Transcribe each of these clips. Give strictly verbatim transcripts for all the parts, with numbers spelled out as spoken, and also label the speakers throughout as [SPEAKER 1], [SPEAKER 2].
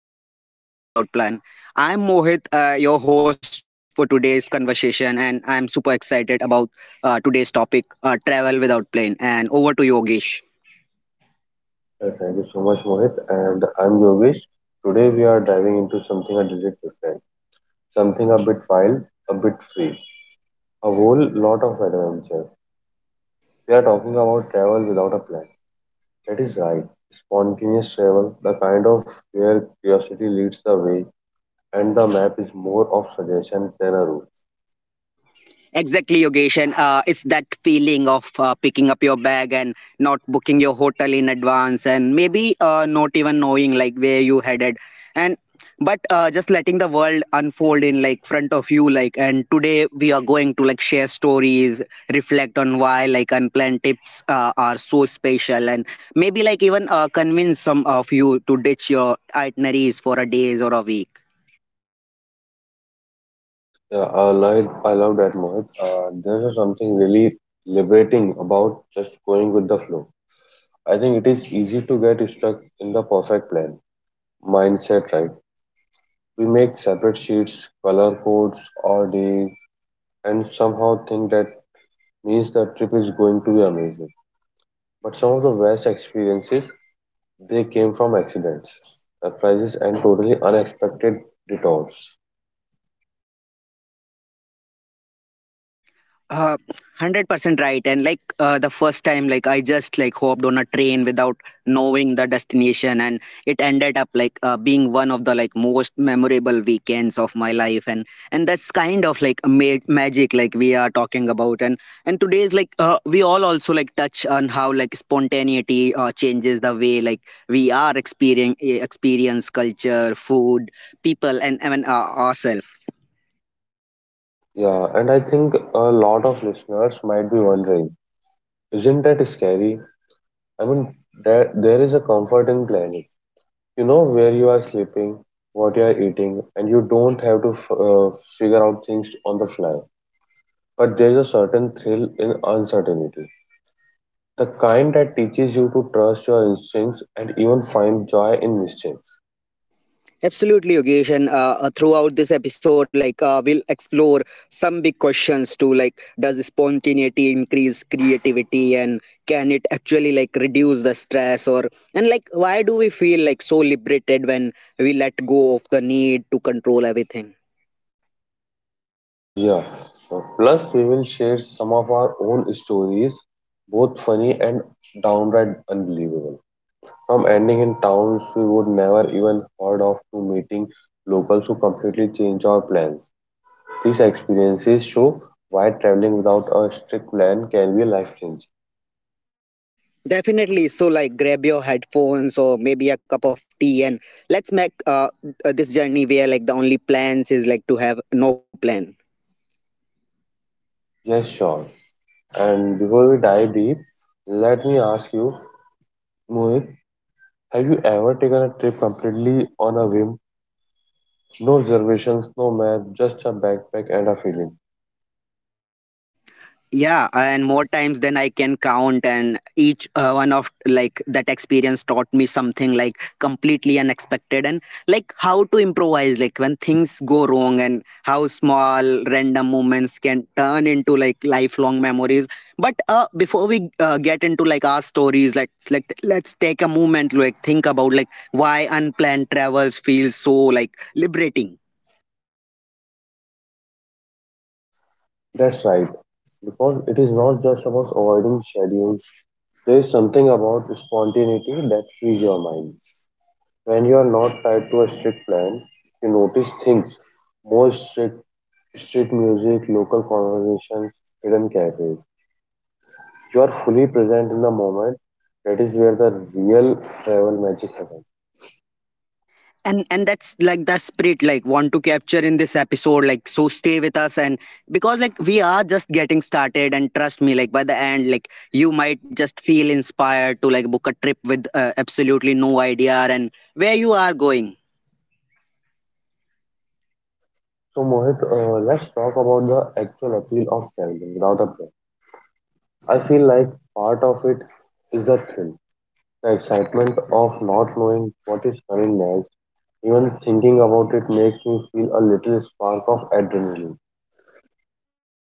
[SPEAKER 1] today's topic is uh, travel without plan. I'm Mohit, uh, your host for today's conversation, and I'm super excited about uh, today's topic, uh, travel without plan. And over to Yogesh.
[SPEAKER 2] Uh, Thank you so much, Mohit. And I'm Yogesh. Today we are diving into something a little different, something a bit wild, a bit free, a whole lot of adventure. We are talking about travel without a plan. That is right, spontaneous travel, the kind of where curiosity leads the way, and the map is more of suggestion than a route.
[SPEAKER 1] Exactly, Yogesh. And uh, it's that feeling of uh, picking up your bag and not booking your hotel in advance, and maybe uh, not even knowing like where you headed, and but uh, just letting the world unfold in like front of you. Like, and today we are going to like share stories, reflect on why like unplanned tips uh, are so special, and maybe like even uh, convince some of you to ditch your itineraries for a days or a week.
[SPEAKER 2] Yeah, I love, I love that, Mohit. Uh, there's something really liberating about just going with the flow. I think it is easy to get stuck in the perfect plan mindset, right? We make separate sheets, color codes, or days, and somehow think that means the trip is going to be amazing. But some of the best experiences they came from accidents, surprises, and totally unexpected detours.
[SPEAKER 1] Uh, one hundred percent right. And like uh, the first time, like I just like hopped on a train without knowing the destination, and it ended up like uh, being one of the like most memorable weekends of my life. And and that's kind of like a ma- magic, like we are talking about. And and today's like uh, we all also like touch on how like spontaneity uh, changes the way like we are experience experience culture, food, people, and even uh, ourselves.
[SPEAKER 2] Yeah, and I think a lot of listeners might be wondering, isn't that scary? I mean, there, there is a comfort in planning. You know where you are sleeping, what you are eating, and you don't have to f- uh, figure out things on the fly. But there's a certain thrill in uncertainty, the kind that teaches you to trust your instincts and even find joy in mistakes.
[SPEAKER 1] Absolutely, Yogesh. And uh, uh, throughout this episode, like uh, we'll explore some big questions to like, does spontaneity increase creativity, and can it actually like reduce the stress, or and like why do we feel like so liberated when we let go of the need to control everything?
[SPEAKER 2] Uh, yeah. Uh, Plus, we will share some of our own stories, both funny and downright unbelievable. From ending in towns we would never even heard of to meeting locals who completely change our plans. These experiences show why traveling without a strict plan can be life changing.
[SPEAKER 1] Definitely. So like, grab your headphones or maybe a cup of tea, and let's make uh, uh, this journey where like the only plans is like to have no plan.
[SPEAKER 2] Yes, sure. And before we dive deep, let me ask you, Mohit, have you ever taken a trip completely on a whim? No reservations, no map, just a backpack and a feeling.
[SPEAKER 1] Yeah, and more times than I can count, and each uh, one of like that experience taught me something like completely unexpected, and like how to improvise like when things go wrong, and how small random moments can turn into like lifelong memories. But uh before we uh, get into like our stories, let's like let's take a moment like think about like why unplanned travels feel so like liberating.
[SPEAKER 2] That's right. Because it is not just about avoiding schedules. There is something about spontaneity that frees your mind. When you are not tied to a strict plan, you notice things more strict, street music, local conversations, hidden cafes. You are fully present in the moment. That is where the real travel magic happens.
[SPEAKER 1] And and that's like the spirit like want to capture in this episode, like so stay with us, and because like we are just getting started, and trust me, like by the end like you might just feel inspired to like book a trip with uh, absolutely no idea and where you are going.
[SPEAKER 2] So, Mohit, uh, let's talk about the actual appeal of traveling without a plan. I feel like part of it is the thrill, the excitement of not knowing what is coming next. Even thinking about it makes me feel a little spark of adrenaline.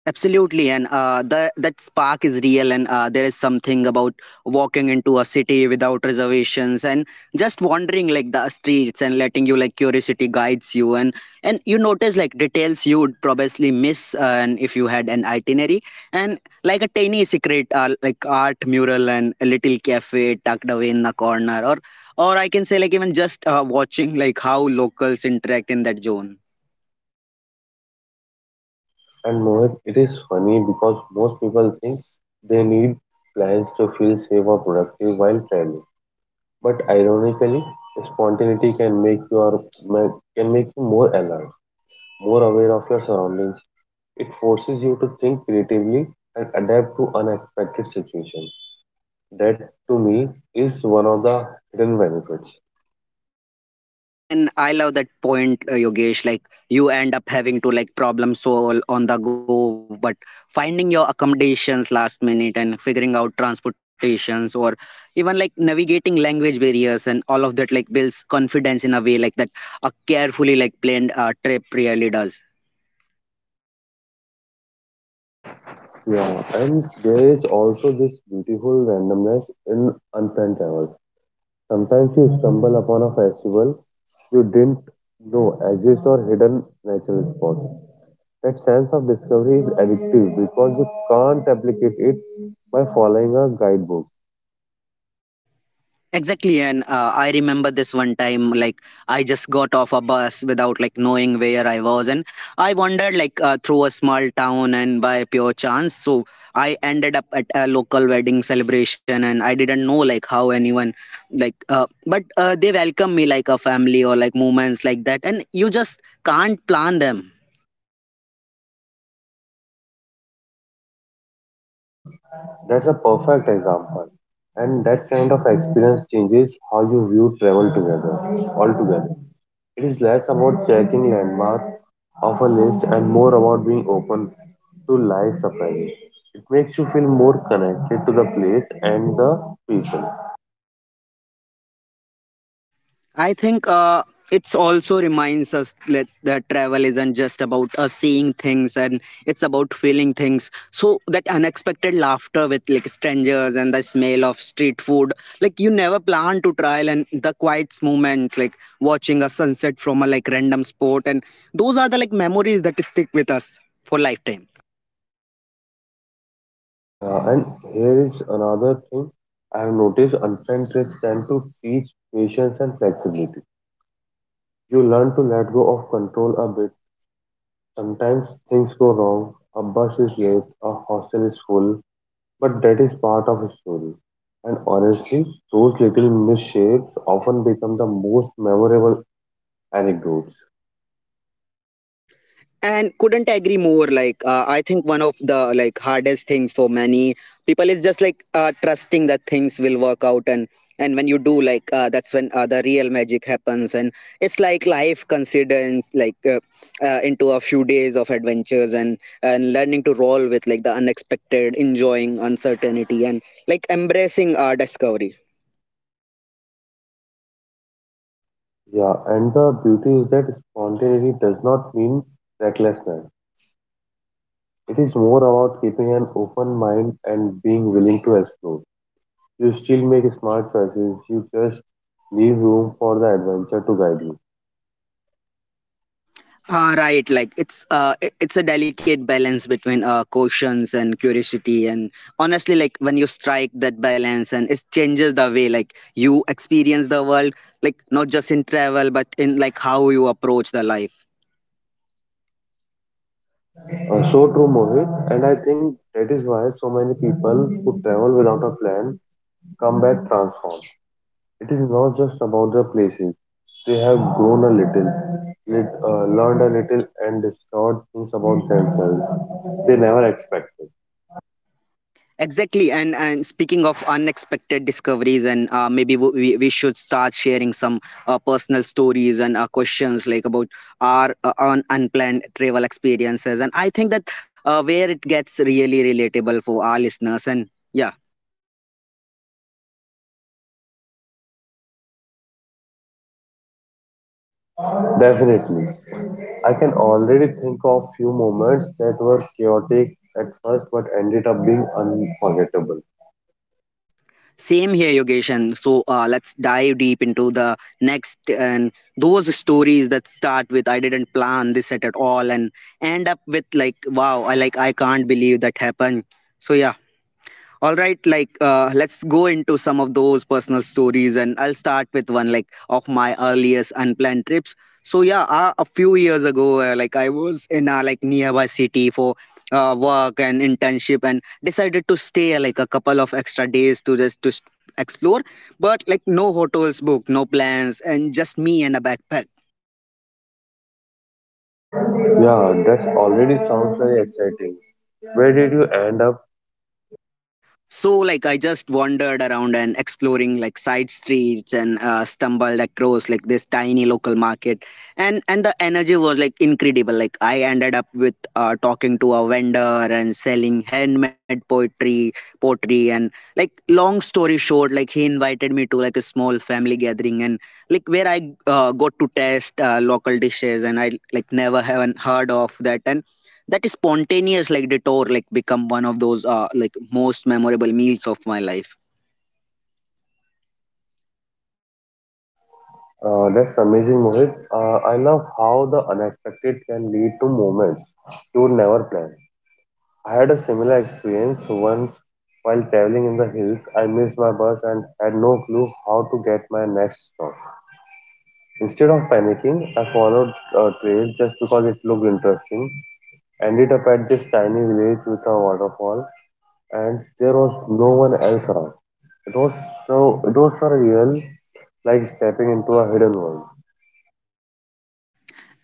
[SPEAKER 1] Absolutely, and uh, the that spark is real, and uh, there is something about walking into a city without reservations and just wandering like the streets and letting you like curiosity guides you, and and you notice like details you would probably miss, uh, and if you had an itinerary, and like a tiny secret uh, like art mural and a little cafe tucked away in the corner, or or I can say like even just uh, watching like how locals interact in that zone.
[SPEAKER 2] And Mohit, it is funny because most people think they need plans to feel safe or productive while traveling. But ironically, spontaneity can make your ma- can make you more alert, more aware of your surroundings. It forces you to think creatively and adapt to unexpected situations. That, to me, is one of the hidden benefits.
[SPEAKER 1] Yeah, and I love that point, uh, Yogesh. Like you end up having to like problem solve on the go, but finding your accommodations last minute and figuring out transportations or even like navigating language barriers, and all of that like builds confidence in a way like that a carefully like planned uh, trip really does.
[SPEAKER 2] Yeah, and there is also this beautiful randomness in unplanned travel. Sometimes you stumble upon a festival you didn't know exist or hidden natural spot. That sense of discovery is addictive because you can't replicate it by following a guidebook.
[SPEAKER 1] Exactly, and uh, I remember this one time, like I just got off a bus without like knowing where I was, and I wandered like uh, through a small town, and by pure chance, so I ended up at a local wedding celebration, and I didn't know like how anyone, like, uh, but uh, they welcome me like a family, or like moments like that, and you just can't plan them.
[SPEAKER 2] That's a perfect example. And that kind of experience changes how you view travel together, altogether. It is less about checking landmarks off a list and more about being open to life surprises. It makes you feel more connected to the place and the people.
[SPEAKER 1] I think uh, it's also reminds us that, that travel isn't just about us seeing things, and it's about feeling things. So that unexpected laughter with like strangers, and the smell of street food, like you never plan to try, and the quiet moment, like watching a sunset from a like random spot, and those are the like memories that stick with us for lifetime.
[SPEAKER 2] Yeah, and here is another thing I have noticed unplanned trips tend to teach patience and flexibility. You learn to let go of control a bit. Sometimes things go wrong, a bus is late, a hostel is full, but that is part of a story. And honestly, those little misshapes often become the most memorable anecdotes.
[SPEAKER 1] And couldn't agree more, like uh, I think one of the like hardest things for many people is just like uh, trusting that things will work out, and and when you do like uh, that's when uh, the real magic happens, and it's like life considers like uh, uh, into a few days of adventures, and and learning to roll with like the unexpected, enjoying uncertainty, and like embracing uh, discovery.
[SPEAKER 2] Yeah, and the beauty is that spontaneity does not mean recklessness. It is more about keeping an open mind and being willing to explore. You still make smart choices, you just leave room for the adventure to guide you.
[SPEAKER 1] Uh, right, like it's uh, i- it's a delicate balance between uh, cautions and curiosity, and honestly, like when you strike that balance, and it changes the way like you experience the world, like not just in travel, but in like how you approach the life.
[SPEAKER 2] Uh, so true, Mohit, and I think that is why so many people who travel without a plan come back transformed. It is not just about the places, they have grown a little, lit, uh, learned a little, and discovered things about themselves they never expected.
[SPEAKER 1] Exactly, and and speaking of unexpected discoveries, and uh, maybe w- we we should start sharing some uh, personal stories and uh, questions like about our uh, un- unplanned travel experiences, and I think that uh, where it gets really relatable for our listeners, and yeah,
[SPEAKER 2] Definitely. I can already think of few moments that were chaotic at first but ended up being unforgettable.
[SPEAKER 1] same here, Yogesh, and so uh, let's dive deep into the next, and those stories that start with I didn't plan this at at all, and end up with like wow, I like I can't believe that happened. So yeah. All right, like uh, let's go into some of those personal stories, and I'll start with one like of my earliest unplanned trips. So yeah, uh, a few years ago, uh, like I was in a like nearby city for uh, work and internship, and decided to stay uh, like a couple of extra days to just to s- explore. But like no hotels booked, no plans, and just me and a backpack.
[SPEAKER 2] Yeah, that already sounds very exciting. Where did you end up?
[SPEAKER 1] So, like, I just wandered around and exploring like side streets, and uh, stumbled across like this tiny local market, and and the energy was like incredible. Like, I ended up with uh, talking to a vendor and selling handmade poetry, pottery, and like long story short, like he invited me to like a small family gathering, and like where I uh, got to taste uh, local dishes, and I like never haven't heard of that, and that spontaneous like detour like become one of those uh, like most memorable meals of my life.
[SPEAKER 2] Uh, that's amazing, Mohit. Uh, I love how the unexpected can lead to moments you would never plan. I had a similar experience once while traveling in the hills. I missed my bus and had no clue how to get my next stop. Instead of panicking, I followed a trail just because it looked interesting. Ended up at this tiny village with a waterfall, and there was no one else around. It was so it was for real, like stepping into a hidden world.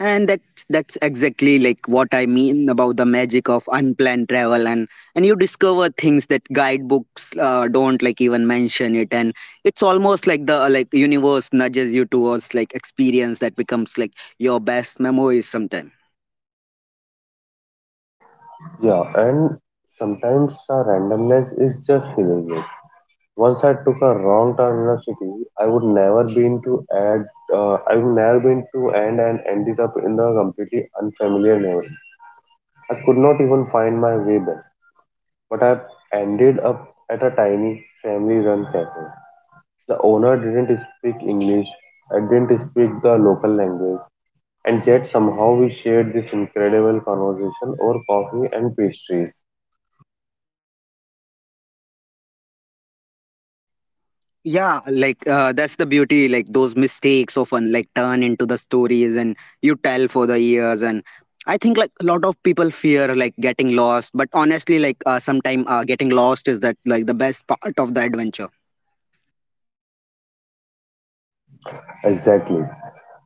[SPEAKER 1] And that's that's exactly like what I mean about the magic of unplanned travel, and and you discover things that guidebooks uh, don't like even mention it, and it's almost like the uh, like universe nudges you towards like experience that becomes like your best memories sometime.
[SPEAKER 2] Yeah, and sometimes the randomness is just hilarious. Once I took a wrong turn in a city, I would never been to add. Uh, I would never been to end and ended up in a completely unfamiliar neighborhood. I could not even find my way back, but I ended up at a tiny family run cafe. The owner didn't speak English, I didn't speak the local language, and yet somehow we shared this incredible conversation over coffee and pastries.
[SPEAKER 1] Yeah, like uh, that's the beauty, like those mistakes often like turn into the stories, and you tell for the years, and I think like a lot of people fear like getting lost, but honestly, like uh, sometime uh, getting lost is that like the best part of the adventure.
[SPEAKER 2] Exactly.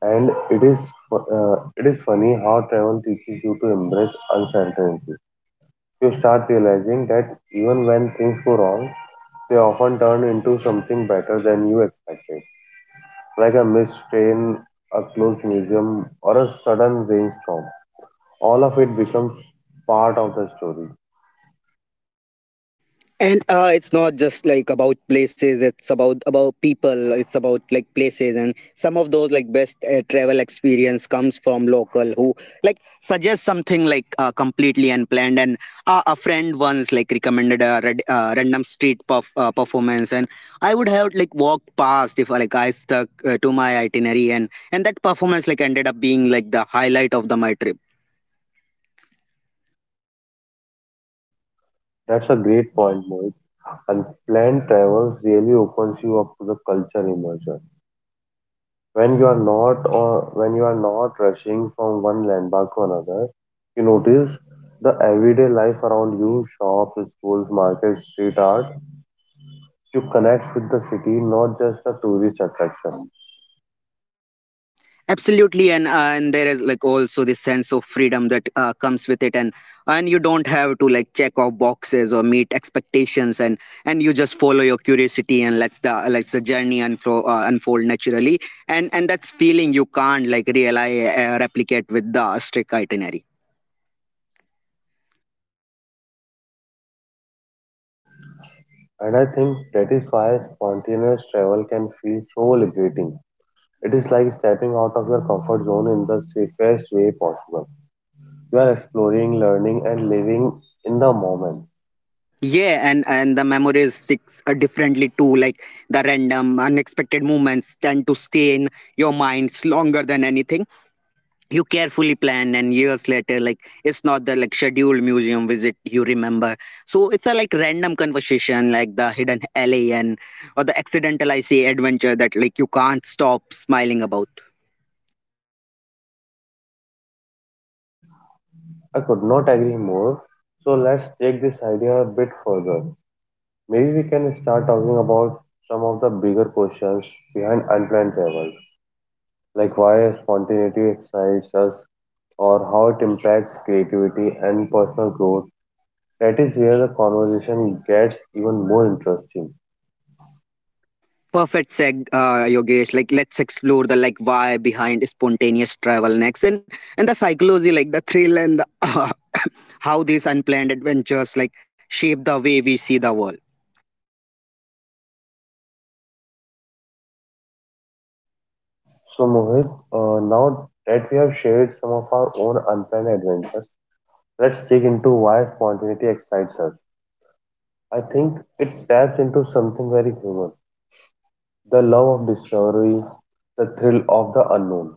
[SPEAKER 2] And it is fu- uh, it is funny how travel teaches you to embrace uncertainty. You start realizing that even when things go wrong, they often turn into something better than you expected, like a missed train, a closed museum, or a sudden rainstorm. All of it becomes part of the story.
[SPEAKER 1] And uh, it's not just like about places, it's about about people, it's about like places, and some of those like best uh, travel experience comes from local who like suggest something like uh, completely unplanned, and uh, a friend once like recommended a rad- uh, random street perf- uh, performance, and I would have like walked past if uh, like I stuck uh, to my itinerary, and and that performance like ended up being like the highlight of the my trip.
[SPEAKER 2] That's a great point, Mohit. Unplanned travels really opens you up to the culture immersion. When you are not or when you are not rushing from one landmark to another, you notice the everyday life around you, shops, schools, markets, street art. You connect with the city, not just a tourist attraction.
[SPEAKER 1] Absolutely, and uh, and there is like also this sense of freedom that uh, comes with it, and and you don't have to like check off boxes or meet expectations, and and you just follow your curiosity and lets the lets the journey unfold uh, unfold naturally, and and that's feeling you can't like really uh, replicate with the strict itinerary.
[SPEAKER 2] And I think that is why spontaneous travel can feel so liberating. It is like stepping out of your comfort zone in the safest way possible. You are exploring, learning, and living in the moment.
[SPEAKER 1] Yeah, and and the memories sticks uh, differently too, like the random unexpected moments tend to stay in your minds longer than anything you carefully plan, and years later like it's not the like scheduled museum visit you remember, so it's a like random conversation, like the hidden alien or the accidental I say adventure that like you can't stop smiling about.
[SPEAKER 2] I could not agree more. So let's take this idea a bit further. Maybe we can start talking about some of the bigger questions behind unplanned travel, like why spontaneity excites us, or how it impacts creativity and personal growth. That is where the conversation gets even more interesting.
[SPEAKER 1] Perfect seg uh, Yogesh, like let's explore the like why behind spontaneous travel next, and and the psychology like the thrill and the how these unplanned adventures like shape the way we see the world.
[SPEAKER 2] So, Mohit, uh, now that we have shared some of our own unplanned adventures, let's dig into why spontaneity excites us. I think it taps into something very human, the love of discovery, the thrill of the unknown.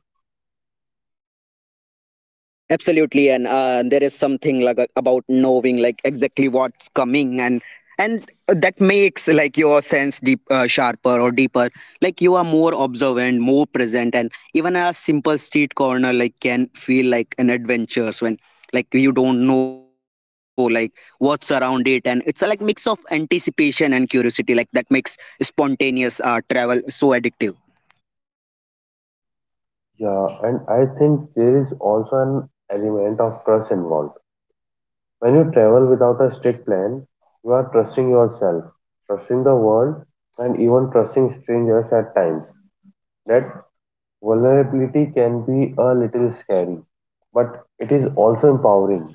[SPEAKER 1] Absolutely, and uh, there is something like a- about knowing like exactly what's coming, and and that makes like your sense deep uh, sharper or deeper, like you are more observant, more present, and even a simple street corner like can feel like an adventure when like you don't know like what's around it, and it's a like mix of anticipation and curiosity like that makes spontaneous uh, travel so addictive.
[SPEAKER 2] Yeah, and I think there is also an element of trust involved. When you travel without a strict plan, you are trusting yourself, trusting the world, and even trusting strangers at times. That vulnerability can be a little scary, but it is also empowering.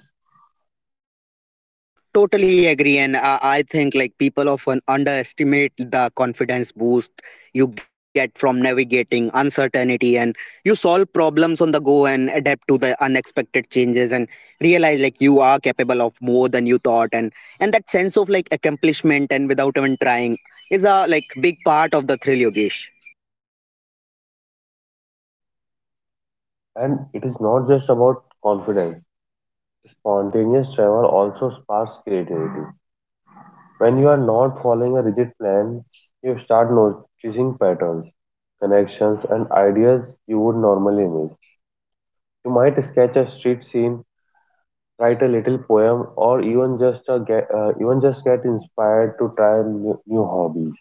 [SPEAKER 1] Totally agree, and uh, I think like people often underestimate the confidence boost you get from navigating uncertainty, and you solve problems on the go and adapt to the unexpected changes, and realize like you are capable of more than you thought, and and that sense of like accomplishment and without even trying is a like big part of the thrill, Yogesh.
[SPEAKER 2] And it is not just about confidence. Spontaneous travel also sparks creativity. When you are not following a rigid plan, you start noticing patterns, connections, and ideas you would normally miss. You might sketch a street scene, write a little poem, or even just a get, uh, even just get inspired to try new, new hobbies.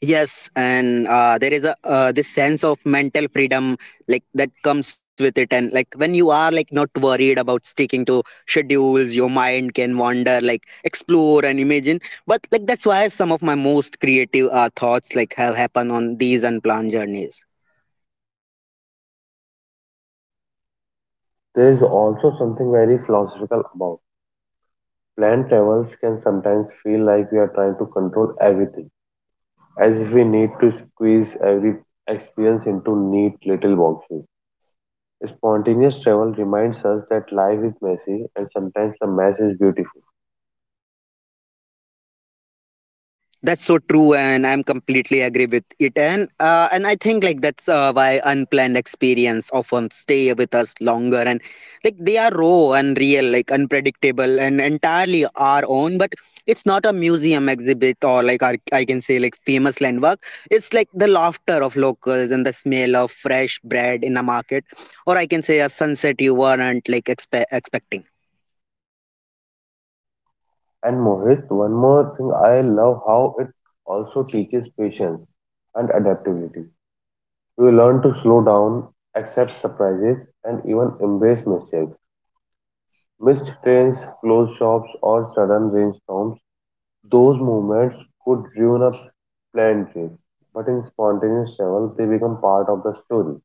[SPEAKER 1] Yes, and uh, there is a uh, this sense of mental freedom like that comes with it, and like when you are like not worried about sticking to schedules, your mind can wander, like explore and imagine. But like that's why some of my most creative uh, thoughts like have happened on these unplanned journeys.
[SPEAKER 2] There is also something very philosophical about Planned travels can sometimes feel like we are trying to control everything, as if we need to squeeze every experience into neat little boxes. Spontaneous travel reminds us that life is messy and sometimes the mess is beautiful.
[SPEAKER 1] That's so true, and I'm completely agree with it. And uh, and I think like that's uh, why unplanned experience often stay with us longer, and like they are raw and real, like unpredictable and entirely our own. But it's not a museum exhibit or like our, I can say like famous landmark. It's like the laughter of locals and the smell of fresh bread in a market, or I can say a sunset you weren't like expe- expecting.
[SPEAKER 2] And Mohit, one more thing I love how it also teaches patience and adaptability. We learn to slow down, accept surprises, and even embrace mistakes. Missed trains, closed shops, or sudden rainstorms, those movements could ruin a planned trip, but in spontaneous travel, they become part of the story.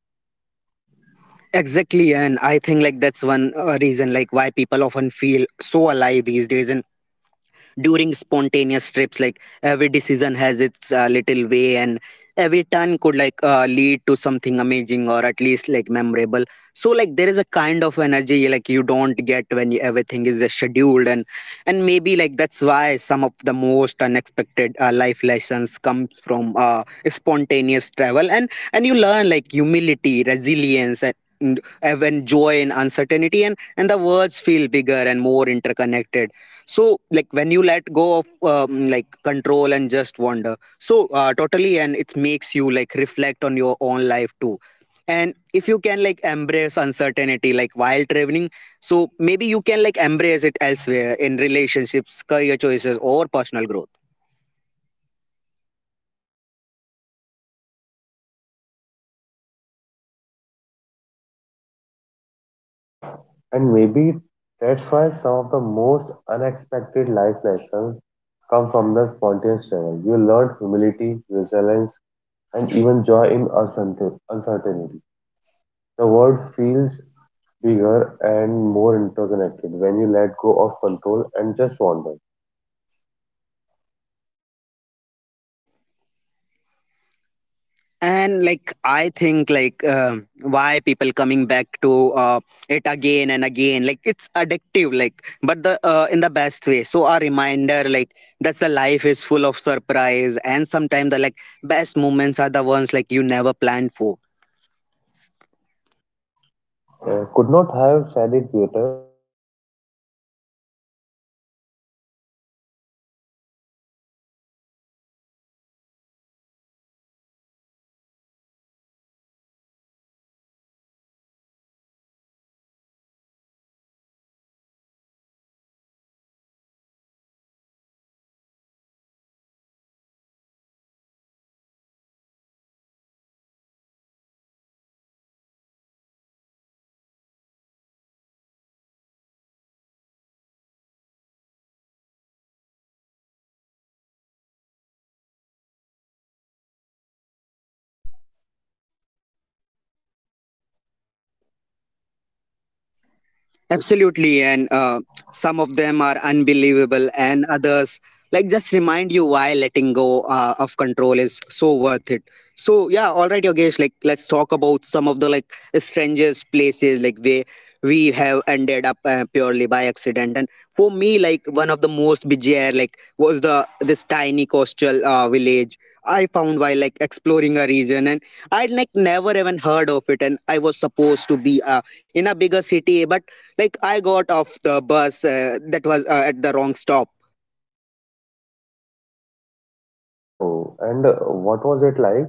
[SPEAKER 1] Exactly, and I think like that's one uh, reason like why people often feel so alive these days and during spontaneous trips like every decision has its uh, little way and every turn could like uh, lead to something amazing or at least like memorable, so like there is a kind of energy like you don't get when you, everything is uh, scheduled, and and maybe like that's why some of the most unexpected uh, life lessons comes from uh, spontaneous travel, and and you learn like humility resilience and and even joy in uncertainty, and and the words feel bigger and more interconnected, so like when you let go of um, like control and just wander, so uh, totally, and it makes you like reflect on your own life too, and if you can like embrace uncertainty like while traveling, so maybe you can like embrace it elsewhere in relationships career choices or personal growth.
[SPEAKER 2] And maybe that's why some of the most unexpected life lessons come from the spontaneous travel. You learn humility, resilience, and even joy in uncertain- uncertainty. The world feels bigger and more interconnected when you let go of control and just wander.
[SPEAKER 1] And like I think like um why people coming back to uh, it again and again like it's addictive like but the uh, in the best way, so a reminder like that the life is full of surprise and sometimes the like best moments are the ones like you never planned for.
[SPEAKER 2] Uh, could not have said it better. And speaking of surprises, I think it is time we dive into some of the strangest places we have ended up purely by accident. Those stories are always hilarious and eye-opening.
[SPEAKER 1] Absolutely, and uh, some of them are unbelievable, and others like just remind you why letting go uh, of control is so worth it. So yeah, all right, Yogesh. Like let's talk about some of the like strangest places like where we have ended up uh, purely by accident. And for me, like one of the most bizarre like was the this tiny coastal uh, village I found while like exploring a region, and I'd like never even heard of it, and I was supposed to be uh, in a bigger city, but like I got off the bus uh, that was uh, at the wrong stop.
[SPEAKER 2] Oh wow! And uh, what was it like?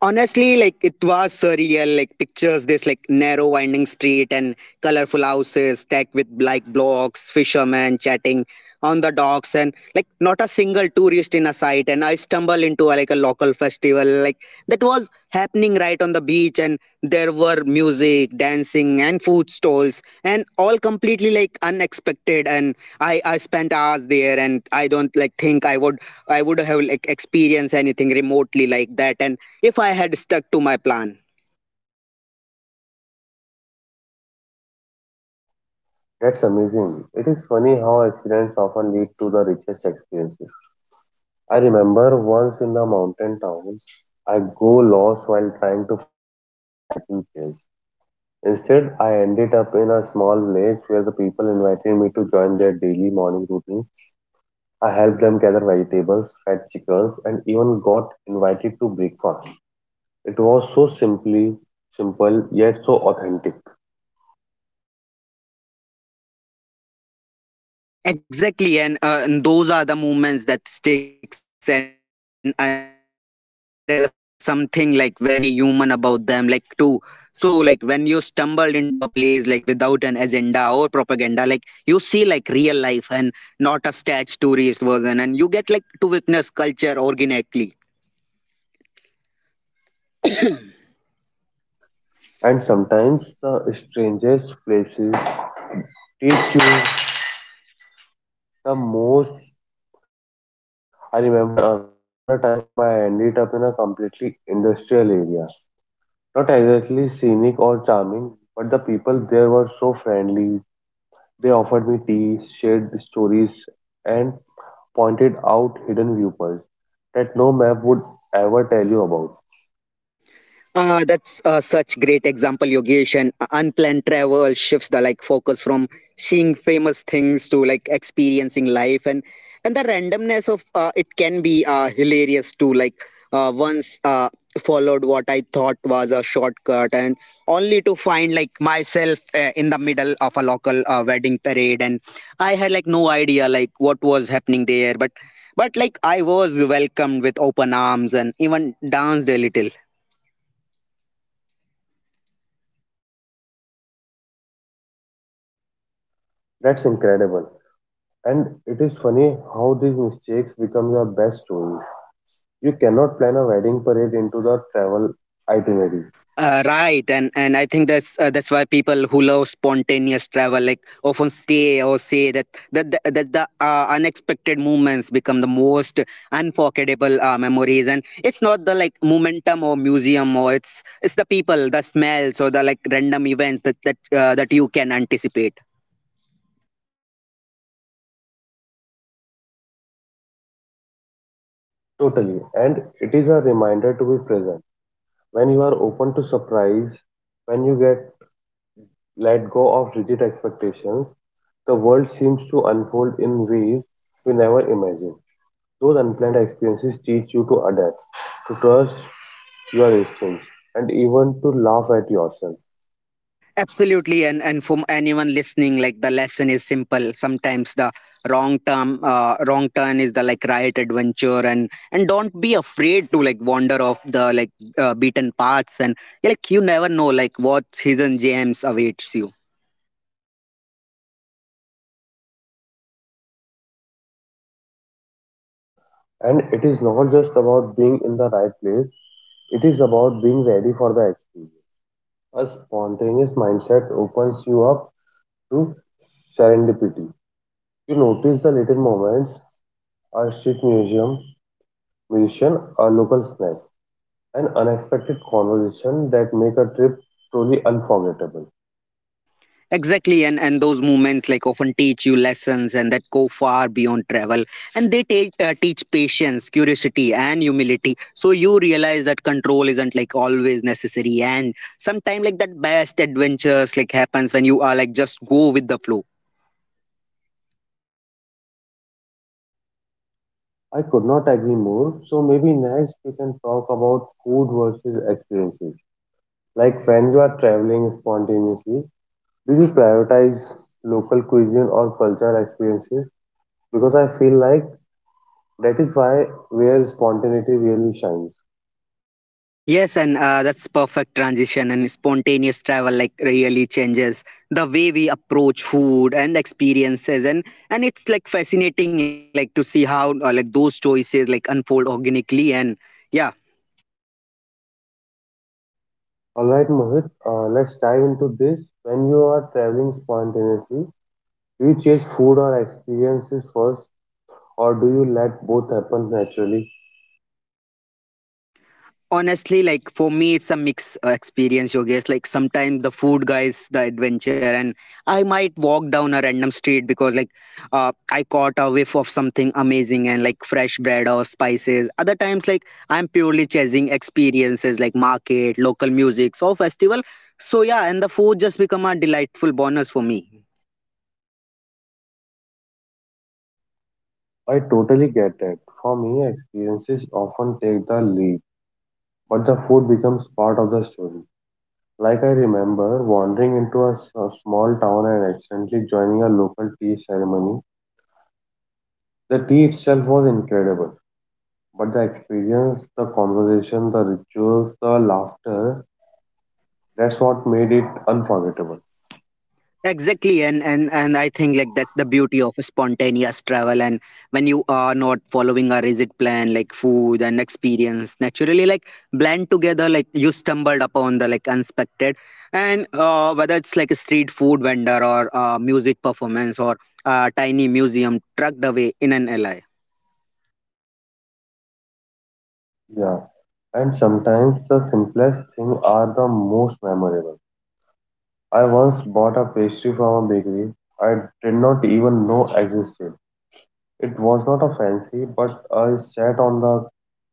[SPEAKER 1] Honestly, like it was surreal. Like pictures this like narrow winding street and colorful houses stacked with like blocks, fishermen chatting on the docks, and like not a single tourist in a sight. And I stumbled into like a local festival like that was happening right on the beach, and there were music, dancing, and food stalls, and all completely like unexpected. And I I spent hours there, and I don't like think I would I would have like experienced anything remotely like that, and if I had stuck to my plan.
[SPEAKER 2] That's amazing. It is funny how accidents often lead to the richest experiences. I remember once in a mountain town, I go lost while trying to find hiking trails. Instead, I ended up in a small village where the people invited me to join their daily morning routine. I helped them gather vegetables, fed chickens, and even got invited to breakfast. It was so simply simple yet so authentic.
[SPEAKER 1] Exactly, and, uh, and those are the moments that sticks, and and there is a something like very human about them, like too. So like when you stumbled into a place like without an agenda or propaganda, like you see like real life and not a staged tourist version, and you get like to witness culture organically.
[SPEAKER 2] And sometimes the strangest places teach you the most. I remember another time I ended up in a completely industrial area. Not exactly scenic or charming, but the people there were so friendly. They offered me tea, shared the stories, and pointed out hidden viewpoints that no map would ever tell you about.
[SPEAKER 1] Uh, that's uh, such great example, Yogesh. And unplanned travel shifts the like focus from seeing famous things to like experiencing life, and and the randomness of uh, it can be uh, hilarious too. Like uh, once uh, followed what I thought was a shortcut, and only to find like myself uh, in the middle of a local uh, wedding parade, and I had like no idea like what was happening there, but but like I was welcomed with open arms and even danced a little.
[SPEAKER 2] That's incredible. And it is funny how these mistakes become your best stories. You cannot plan a wedding parade into the travel itinerary.
[SPEAKER 1] Uh, right, and and I think that's uh, that's why people who love spontaneous travel like often say or say that that the, that the uh, unexpected movements become the most unforgettable uh, memories, and it's not the like momentum or museum or it's it's the people, the smells or the like random events that that uh, that you can anticipate.
[SPEAKER 2] Totally. And it is a reminder to be present. When you are open to surprise, when you get let go of rigid expectations, the world seems to unfold in ways we never imagined. Those unplanned experiences teach you to adapt, to trust your instincts, and even to laugh at yourself.
[SPEAKER 1] Absolutely, and and for anyone listening, like the lesson is simple. Sometimes the wrong term, uh, wrong turn is the like right adventure, and and don't be afraid to like wander off the like uh, beaten paths, and yeah, like you never know like what hidden gems awaits you.
[SPEAKER 2] And it is not just about being in the right place, it is about being ready for the experience. A spontaneous mindset opens you up to serendipity. You notice the little moments, a street museum, musician, a local snack, an unexpected conversation that make a trip truly unforgettable.
[SPEAKER 1] Exactly, and and those moments like often teach you lessons and that go far beyond travel, and they take uh, teach patience, curiosity, and humility. So you realize that control isn't like always necessary, and sometimes like that best adventures like happens when you are like just go with the flow.
[SPEAKER 2] I could not agree more. So maybe next we can talk about food versus experiences. Like when you are traveling spontaneously, do you prioritize local cuisine or cultural experiences? Because I feel like that is why where spontaneity really shines.
[SPEAKER 1] Yes, and uh, that's perfect transition and spontaneous travel like really changes the way we approach food and experiences and and it's like fascinating like to see how uh, like those choices like unfold organically and yeah.
[SPEAKER 2] All right, Mohit, uh, let's dive into this. When you are traveling spontaneously, do you chase food or experiences first, or do you let both happen naturally?
[SPEAKER 1] Honestly like for me it's a mix uh, experience Yogesh, like sometimes the food guys the adventure and I might walk down a random street because like uh, I caught a whiff of something amazing and like fresh bread or spices, other times like I'm purely chasing experiences like market local music so festival, so yeah and the food just become a delightful bonus for me.
[SPEAKER 2] I totally get it. For me, experiences often take the lead, but the food becomes part of the story. Like I remember wandering into a, s- a small town and accidentally joining a local tea ceremony. The tea itself was incredible, but the experience, the conversation, the rituals, the laughter, that's what made it unforgettable.
[SPEAKER 1] Exactly, and and and I think like that's the beauty of spontaneous travel, and when you are not following a rigid plan like food and experience naturally like blend together like you stumbled upon the like unexpected, and uh, whether it's like a street food vendor or uh, music performance or a tiny museum trucked away in an alley.
[SPEAKER 2] Yeah, and sometimes the simplest things are the most memorable. I once bought a pastry from a bakery I did not even know existed. It was not a fancy, but I sat on the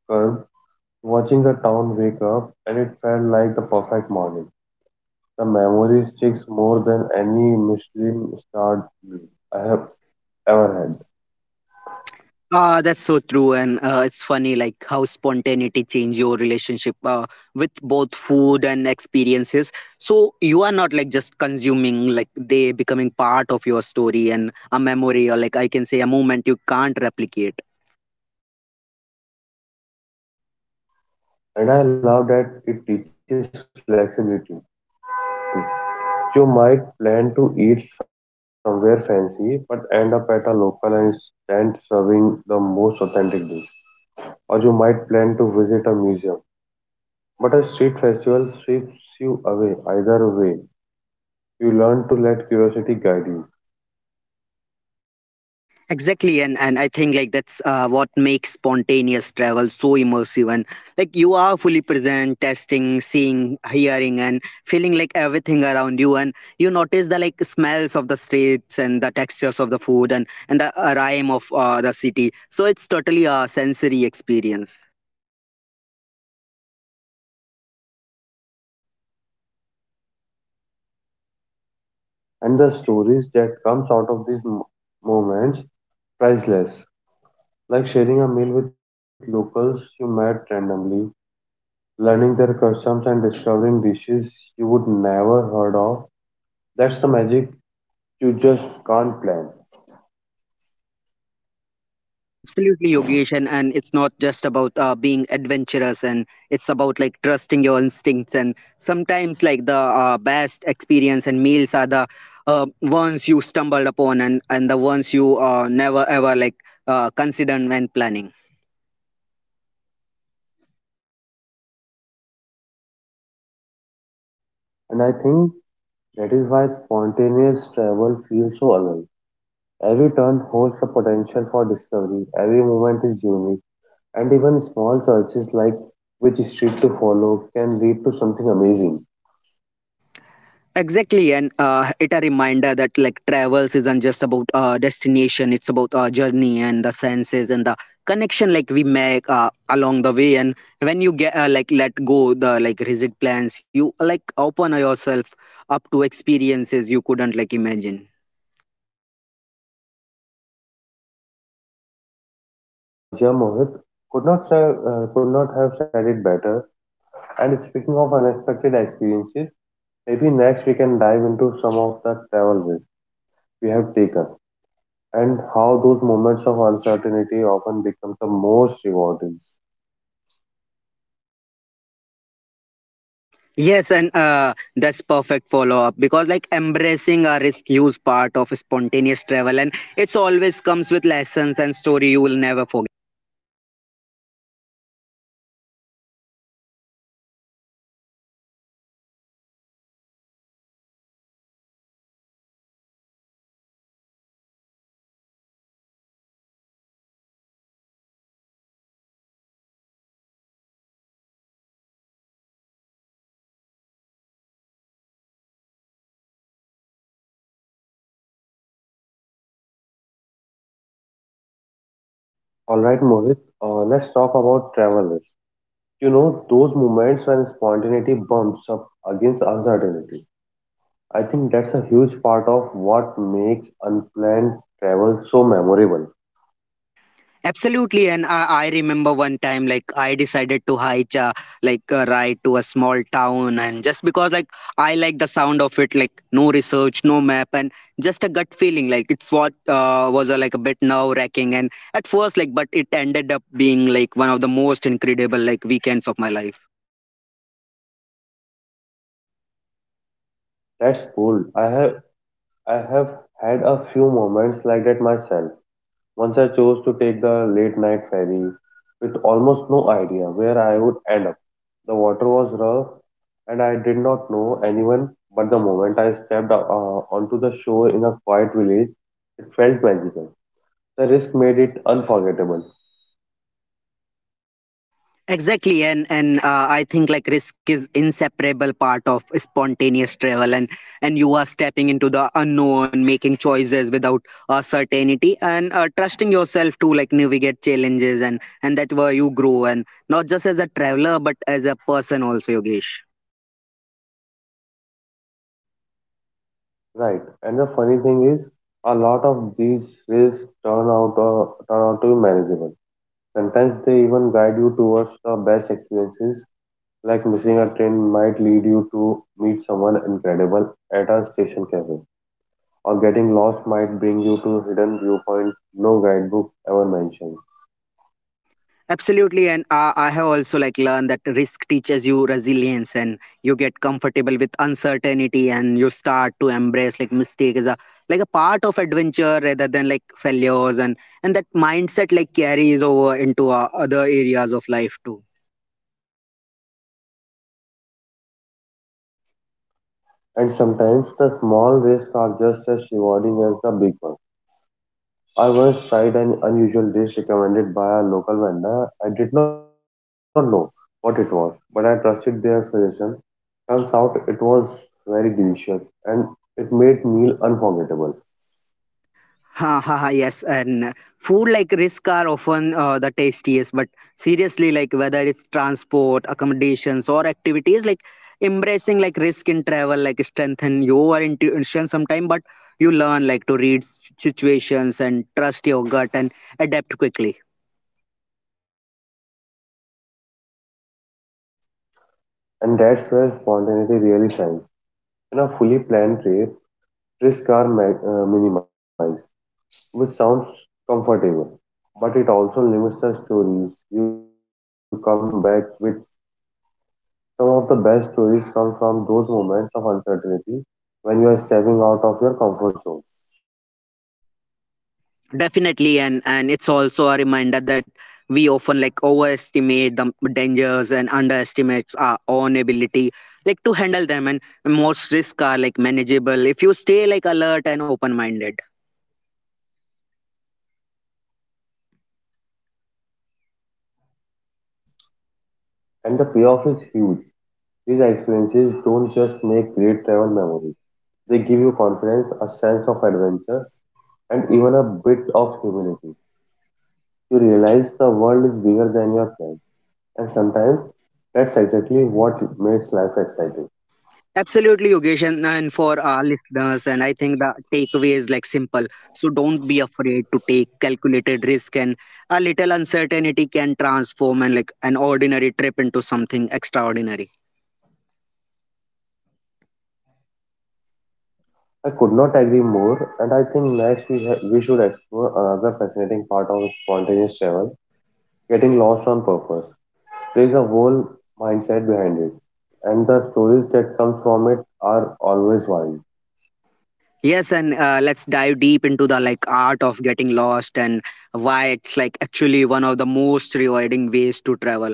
[SPEAKER 2] curb watching the town wake up and it felt like the perfect morning. The memory sticks more than any Michelin starred meal I have ever had.
[SPEAKER 1] Ah, that's so true, and uh, it's funny like how spontaneity change your relationship uh, with both food and experiences. So you are not like just consuming; like they becoming part of your story and a memory, or like I can say a moment you can't replicate.
[SPEAKER 2] And I love that it teaches flexibility. You might plan to eat somewhere fancy, but end up at a local and stand serving the most authentic dish, or you might plan to visit a museum. But a street festival sweeps you away either way. You learn to let curiosity guide you,
[SPEAKER 1] Exactly, and and I think like that's uh, what makes spontaneous travel so immersive, and like you are fully present, testing, seeing, hearing, and feeling like everything around you, and you notice the like smells of the streets and the textures of the food and and the uh, rhyme of uh, the city. So it's totally a sensory experience.
[SPEAKER 2] and the stories that comes out of these mo- moments priceless. Like sharing a meal with locals you met randomly, learning their customs and discovering dishes you would never heard of. That's the magic you just can't plan.
[SPEAKER 1] Absolutely, Yogesh, and, and it's not just about uh, being adventurous, and it's about like trusting your instincts. And sometimes, like the uh, best experience and meals are the uh, ones you stumbled upon, and and the ones you uh, never ever like uh, considered when planning.
[SPEAKER 2] And I think that is why spontaneous travel feels so alive. Every turn holds the potential for discovery, every moment is unique, and even small choices like which street to follow can lead to something amazing.
[SPEAKER 1] Exactly, and uh, it a reminder that like travels isn't just about uh, destination; it's about our journey and the senses and the connection like we make uh, along the way. And when you get uh, like let go the like rigid plans, you like open yourself up to experiences you couldn't like imagine.
[SPEAKER 2] Uh, yeah, Mohit could not, say, uh, could not have said it better. And speaking of unexpected experiences, maybe next we can dive into some of the travel risks we have taken and how those moments of uncertainty often become the most rewarding.
[SPEAKER 1] Yes, and uh, that's perfect follow up because like embracing a risk is part of spontaneous travel, and it's always comes with lessons and story you will never forget.
[SPEAKER 2] All right, Mohit, uh, let's talk about travel risk. You know, those moments when spontaneity bumps up against uncertainty. I think that's a huge part of what makes unplanned travel so memorable.
[SPEAKER 1] Absolutely, and I, I remember one time like I decided to hitch a like a ride to a small town, and just because like I like the sound of it, like no research, no map, and just a gut feeling. Like it's what uh, was uh, like a bit nerve wracking, and at first like, but it ended up being like one of the most incredible like weekends of my life.
[SPEAKER 2] That's bold. I have I have had a few moments like that myself. Once I chose to take the late night ferry with almost no idea where I would end up. The water was rough and I did not know anyone, but the moment I stepped uh, onto the shore in a quiet village, it felt magical. The risk made it unforgettable.
[SPEAKER 1] Exactly, and and uh, I think like risk is inseparable part of spontaneous travel, and and you are stepping into the unknown, making choices without uh, certainty, and uh, trusting yourself to like navigate challenges, and and that's where you grow, and not just as a traveler but as a person also, Yogesh.
[SPEAKER 2] Right. And the funny thing is, a lot of these risks turn out uh, turn out to be manageable. Sometimes they even guide you towards the best experiences, like missing a train might lead you to meet someone incredible at a station cafe, or getting lost might bring you to hidden viewpoints no guidebook ever mentioned.
[SPEAKER 1] Absolutely, and I I have also like learned that risk teaches you resilience, and you get comfortable with uncertainty, and you start to embrace like mistake as a like a part of adventure rather than like failures, and and that mindset like carries over into uh, other areas of life too.
[SPEAKER 2] And sometimes the small risks are just as rewarding as the big ones. I once tried an unusual dish recommended by a local vendor. I did not know what it was, but I trusted their suggestion. Turns out it was very delicious and it made meal unforgettable.
[SPEAKER 1] Ha ha ha. Yes, and food like risk are often uh, the tastiest. But seriously, like whether it's transport, accommodations, or activities, like embracing like risk in travel, like strengthen your intuition sometime. But you learn like to read s- situations and trust your gut and adapt quickly.
[SPEAKER 2] And that's where spontaneity really shines. In a fully planned trip, risks are ma- uh, minimized, which sounds comfortable, but it also limits the stories you come back with. Some of the best stories come from those moments of uncertainty when you are stepping out of your comfort zone.
[SPEAKER 1] Definitely, and and it's also a reminder that we often like overestimate the dangers and underestimate our own ability like to handle them, and most risks are like manageable if you stay like alert and open minded.
[SPEAKER 2] And the payoff is huge. These experiences don't just make great travel memories, they give you confidence, a sense of adventure, and even a bit of humility. You realize the world is bigger than your plan, and sometimes that's exactly what makes life exciting.
[SPEAKER 1] Absolutely, Yogesh, and, and for our listeners, and I think the takeaway is like simple, so don't be afraid to take calculated risk, and a little uncertainty can transform and like an ordinary trip into something extraordinary.
[SPEAKER 2] I could not agree more, and I think next we, ha- we should explore another fascinating part of spontaneous travel, getting lost on purpose. There is a whole mindset behind it, and the stories that come from it are always wild.
[SPEAKER 1] Yes, and uh, let's dive deep into the like art of getting lost and why it's like actually one of the most rewarding ways to travel.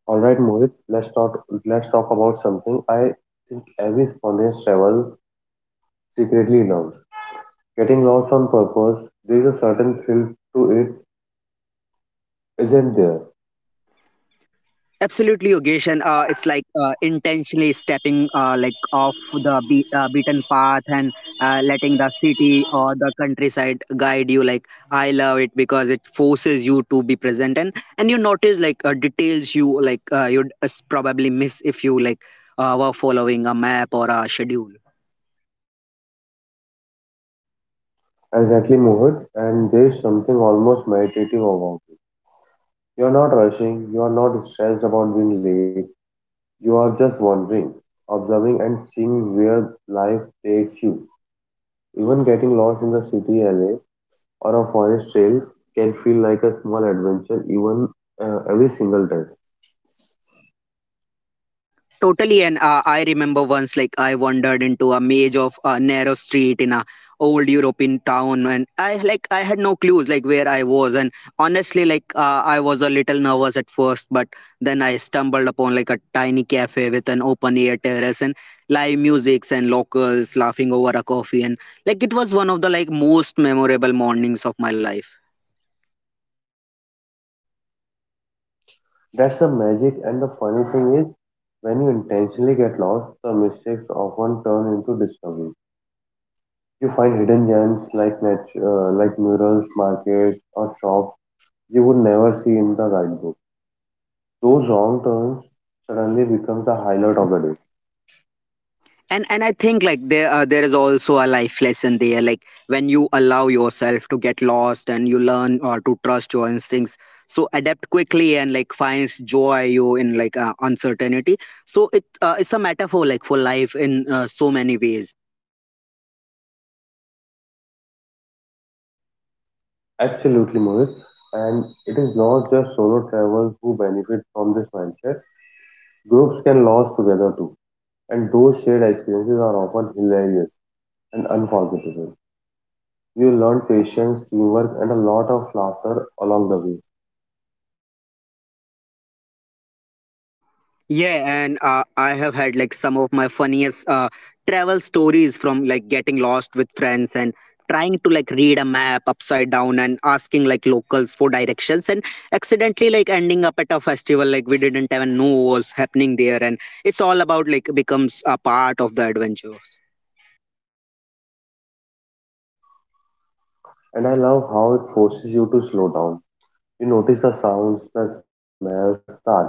[SPEAKER 2] All right, Mohit, let's talk let's talk about something I think every spontaneous travel secretly loves. Getting lost on purpose, there is a certain thrill to it, isn't there?
[SPEAKER 1] Absolutely, Yogesh, and uh, it's like uh, intentionally stepping uh, like off the be- uh, beaten path and uh, letting the city or the countryside guide you. Like I love it because it forces you to be present, and and you notice like uh, details you like uh, you'd uh, probably miss if you like uh, were following a map or a schedule.
[SPEAKER 2] Exactly, Mohit, and there is something almost meditative about it. You're not rushing, you're not stressed about being late, you are just wandering, observing and seeing where life takes you. Even getting lost in the city alley or a forest trail can feel like a small adventure even uh, every single time.
[SPEAKER 1] Totally, and uh, I remember once, like I wandered into a maze of a narrow street in a old European town, and I like I had no clues like where I was, and honestly, like uh, I was a little nervous at first, but then I stumbled upon like a tiny cafe with an open air terrace and live musics and locals laughing over a coffee, and like it was one of the like most memorable mornings of my life.
[SPEAKER 2] That's the magic, and the funny thing is, when you intentionally get lost, the mistakes often turn into discovery. You find hidden gems like nat- uh, like murals, markets, or shops you would never see in the guidebook. Those wrong turns suddenly become the highlight of the day.
[SPEAKER 1] and and I think like there uh, there is also a life lesson there, like when you allow yourself to get lost and you learn or to trust your instincts, so adapt quickly and like finds joy you in like uh, uncertainty. So it uh, it's a metaphor like for life in uh, so many ways.
[SPEAKER 2] Absolutely, Mohit. And it is not just solo travelers who benefit from this mindset. Groups can lose together too, and those shared experiences are often hilarious and unforgettable. You learn patience, teamwork, and a lot of laughter along the way.
[SPEAKER 1] Yeah, and uh, I have had like some of my funniest uh, travel stories from like getting lost with friends and trying to like read a map upside down and asking like locals for directions and accidentally like ending up at a festival like we didn't even know was happening there, and it's all about like becomes a part of the adventure.
[SPEAKER 2] And I love how it forces you to slow down. You notice the sounds, the smells, the architecture,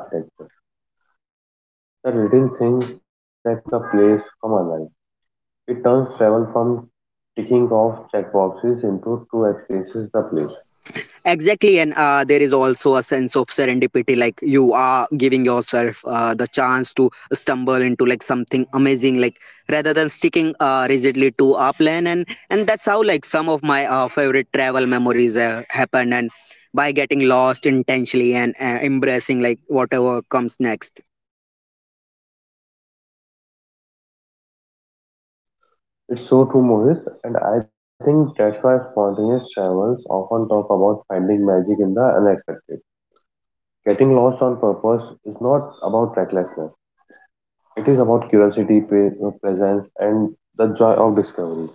[SPEAKER 2] the little things that makes a place come alive. It turns travel from ticking off checkboxes into true experiences the place.
[SPEAKER 1] Exactly, and uh, there is also a sense of serendipity, like you are giving yourself uh, the chance to stumble into like something amazing, like rather than sticking uh, rigidly to a plan, and and that's how like some of my uh, favorite travel memories uh, happen, and by getting lost intentionally and uh, embracing like whatever comes next.
[SPEAKER 2] It's so true, Mohit, and I think that's why spontaneous travels often talk about finding magic in the unexpected. Getting lost on purpose is not about recklessness. It is about curiosity, pa- presence, and the joy of discovery.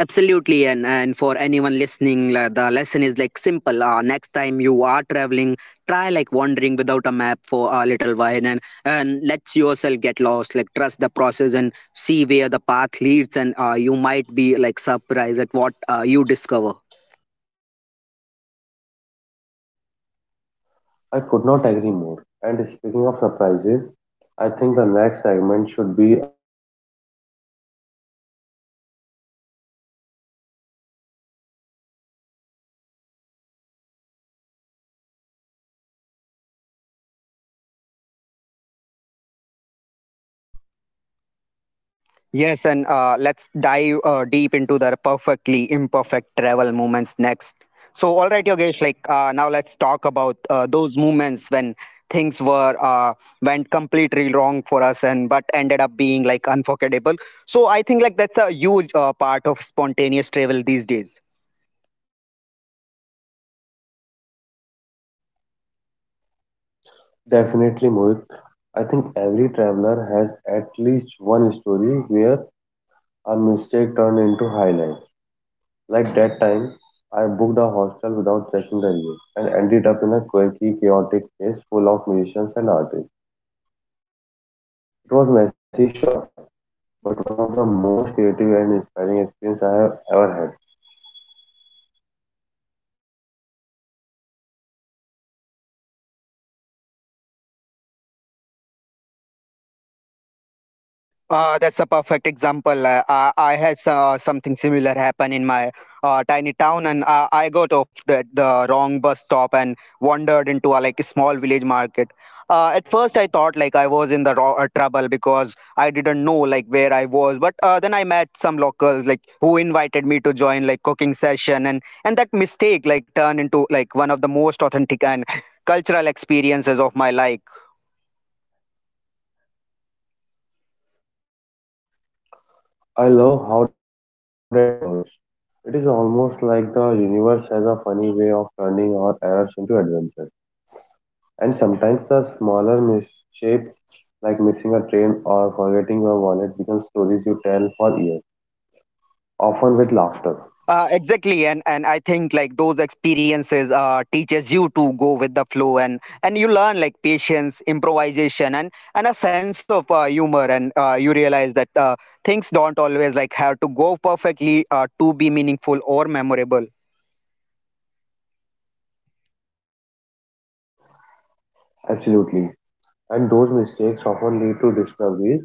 [SPEAKER 1] Absolutely, and and for anyone listening, la- the lesson is like simple. Uh, next time you are traveling, try like wandering without a map for a little while, and and let yourself get lost. Like trust the process and see where the path leads, and uh, you might be like surprised at what uh, you discover.
[SPEAKER 2] I could not agree more. And speaking of surprises, I think the next segment should be about the mistakes that turn into the best stories. Because let's face it, unplanned travel is not always smooth, but those bumps often become the highlights.
[SPEAKER 1] Yes, and uh, let's dive uh, deep into the perfectly imperfect travel moments next. So, all right, Yogesh, like uh, now let's talk about uh, those moments when things were uh, went completely wrong for us and but ended up being like unforgettable. So, I think like that's a huge uh, part of spontaneous travel these days.
[SPEAKER 2] Definitely, Mohit. I think every traveler has at least one story where a mistake turned into highlight. Like that time, I booked a hostel without checking the reviews and ended up in a quirky, chaotic place full of musicians and artists. It was messy, sure, but one of the most creative and inspiring experiences I have ever had.
[SPEAKER 1] Uh, that's a perfect example. Uh, I, I had so, uh, something similar happen in my uh, tiny town, and uh, I got off the, the wrong bus stop and wandered into a like small village market. Uh, at first, I thought like I was in the ro- uh, trouble because I didn't know like where I was. But uh, then I met some locals like who invited me to join like cooking session, and and that mistake like turned into like one of the most authentic and cultural experiences of my life.
[SPEAKER 2] I love how that works. It is almost like the universe has a funny way of turning our errors into adventures. And sometimes the smaller misshapes, like missing a train or forgetting your wallet, become stories you tell for years, often with laughter.
[SPEAKER 1] Uh, exactly, and and I think like those experiences uh, teaches you to go with the flow, and and you learn like patience, improvisation, and and a sense of uh, humor, and uh, you realize that uh, things don't always like have to go perfectly uh, to be meaningful or memorable.
[SPEAKER 2] Absolutely. And those mistakes often lead to discoveries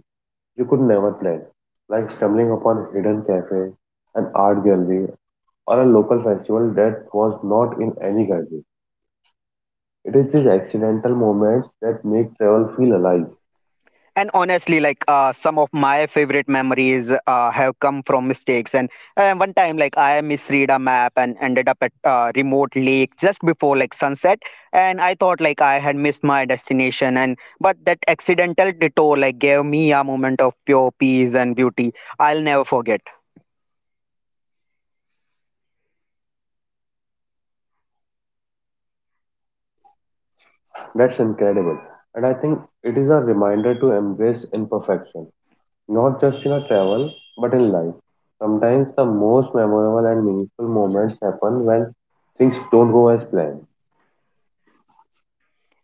[SPEAKER 2] you could never plan, like stumbling upon hidden cafe, an art gallery, or a local festival that was not in any guidebook. It is these accidental moments that make travel feel alive.
[SPEAKER 1] And honestly like uh, some of my favorite memories uh, have come from mistakes, and uh, one time like I misread a map and ended up at a remote lake just before like sunset, and I thought like I had missed my destination, and but that accidental detour like gave me a moment of pure peace and beauty I'll never forget.
[SPEAKER 2] That's incredible. And I think it is a reminder to embrace imperfection, not just in a travel, but in life. Sometimes the most memorable and meaningful moments happen when things don't go as planned.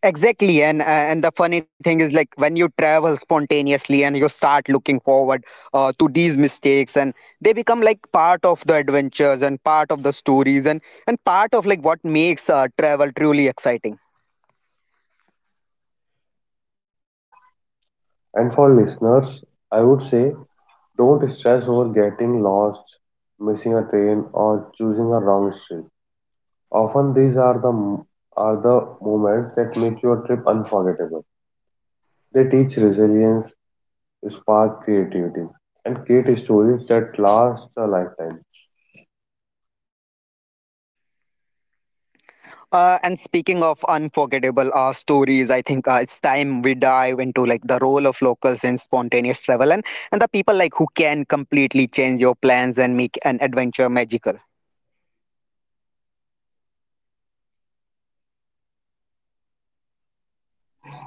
[SPEAKER 1] Exactly, and uh, and the funny thing is like when you travel spontaneously, and you start looking forward uh, to these mistakes, and they become like part of the adventures and part of the stories and and part of like what makes uh, travel truly exciting.
[SPEAKER 2] And for listeners, I would say don't stress over getting lost, missing a train, or choosing a wrong street. Often these are the m- are the moments that make your trip unforgettable. They teach resilience, spark creativity, and create stories that last a lifetime.
[SPEAKER 1] Uh, and speaking of unforgettable uh, stories, I think uh, it's time we dive into like the role of locals in spontaneous travel, and and the people like who can completely change your plans and make an adventure magical.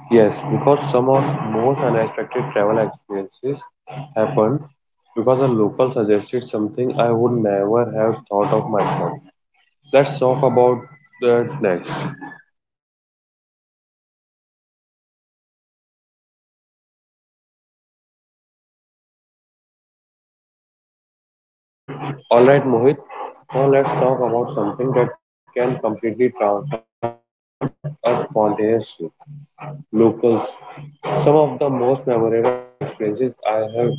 [SPEAKER 2] Yes, because some of most unexpected travel experiences happened because a local suggested something I would never have thought of myself. Let's talk about that next. Alright Mohit, now let's talk about something that can completely transform a spontaneous trip. Locals. Some of the most memorable experiences I have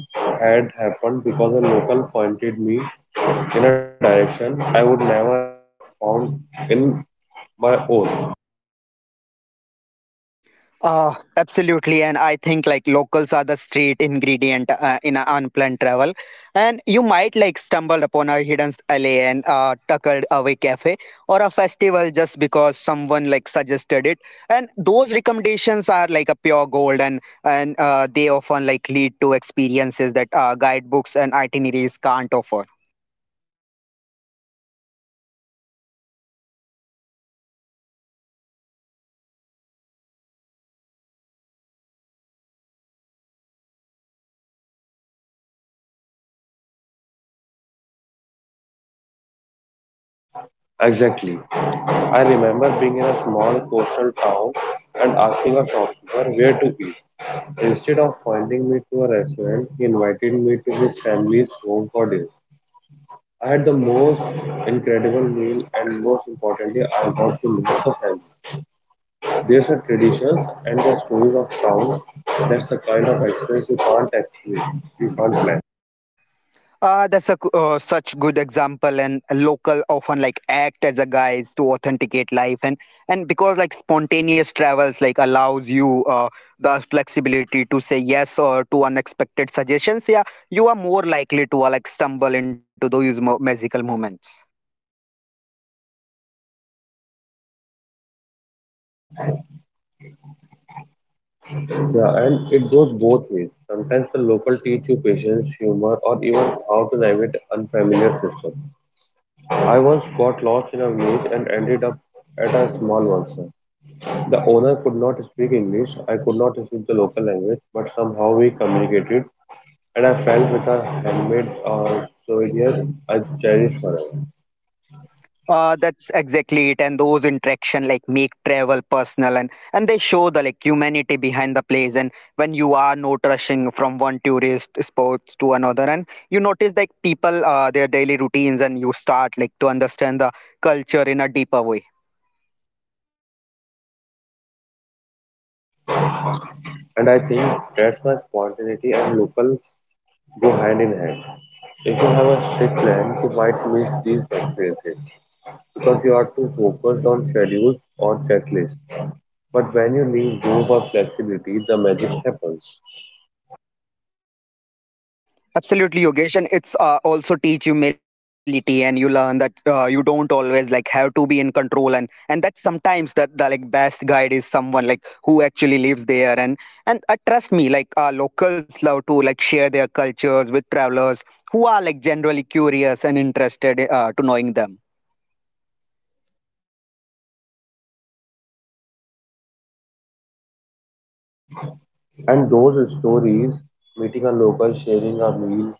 [SPEAKER 2] had happened because a local pointed me in a direction I would never have found in my own.
[SPEAKER 1] Uh, Absolutely, and I think like locals are the street ingredient uh, in an unplanned travel, and you might like stumble upon a hidden alley and uh, tucked away cafe or a festival just because someone like suggested it, and those recommendations are like a pure gold, and and uh, they often like lead to experiences that uh, guidebooks and itineraries can't offer.
[SPEAKER 2] Exactly. I remember being in a small coastal town and asking a shopkeeper where to eat. Instead of pointing me to a restaurant, he invited me to his family's home for dinner. I had the most incredible meal and most importantly, I got to know the family. There's a traditions and the stories of town. That's the kind of experience you can't experience, you can't plan.
[SPEAKER 1] Uh, that's a c- uh, such good example, and local often like act as a guides to authenticate life, and and because like spontaneous travels like allows you uh, the flexibility to say yes or to unexpected suggestions. Yeah, you are more likely to uh, like stumble into those mo- magical moments.
[SPEAKER 2] Yeah, and it goes both ways. Sometimes the local teach you patience, humor, or even how to navigate unfamiliar system. I once got lost in a maze and ended up at a small monster. The owner could not speak English. I could not speak the local language, but somehow we communicated and I felt with a handmade uh, souvenir I cherish forever.
[SPEAKER 1] Uh, that's exactly it, and those interaction like make travel personal, and and they show the like humanity behind the place. And when you are not rushing from one tourist spots to another, and you notice like people uh, their daily routines, and you start like to understand the culture in a deeper way.
[SPEAKER 2] And I think that's why spontaneity and locals go hand in hand. If you have a strict plan, you might miss these experiences because you are too focused on schedules or checklists. But when you leave room for flexibility, the magic happens.
[SPEAKER 1] Absolutely, Yogesh, and it's uh, also teach humility, and you learn that uh, you don't always like have to be in control, and and that sometimes that the like best guide is someone like who actually lives there, and and uh, trust me, like uh, locals love to like share their cultures with travelers who are like generally curious and interested uh, to knowing them.
[SPEAKER 2] And those stories, meeting a local, sharing a meal,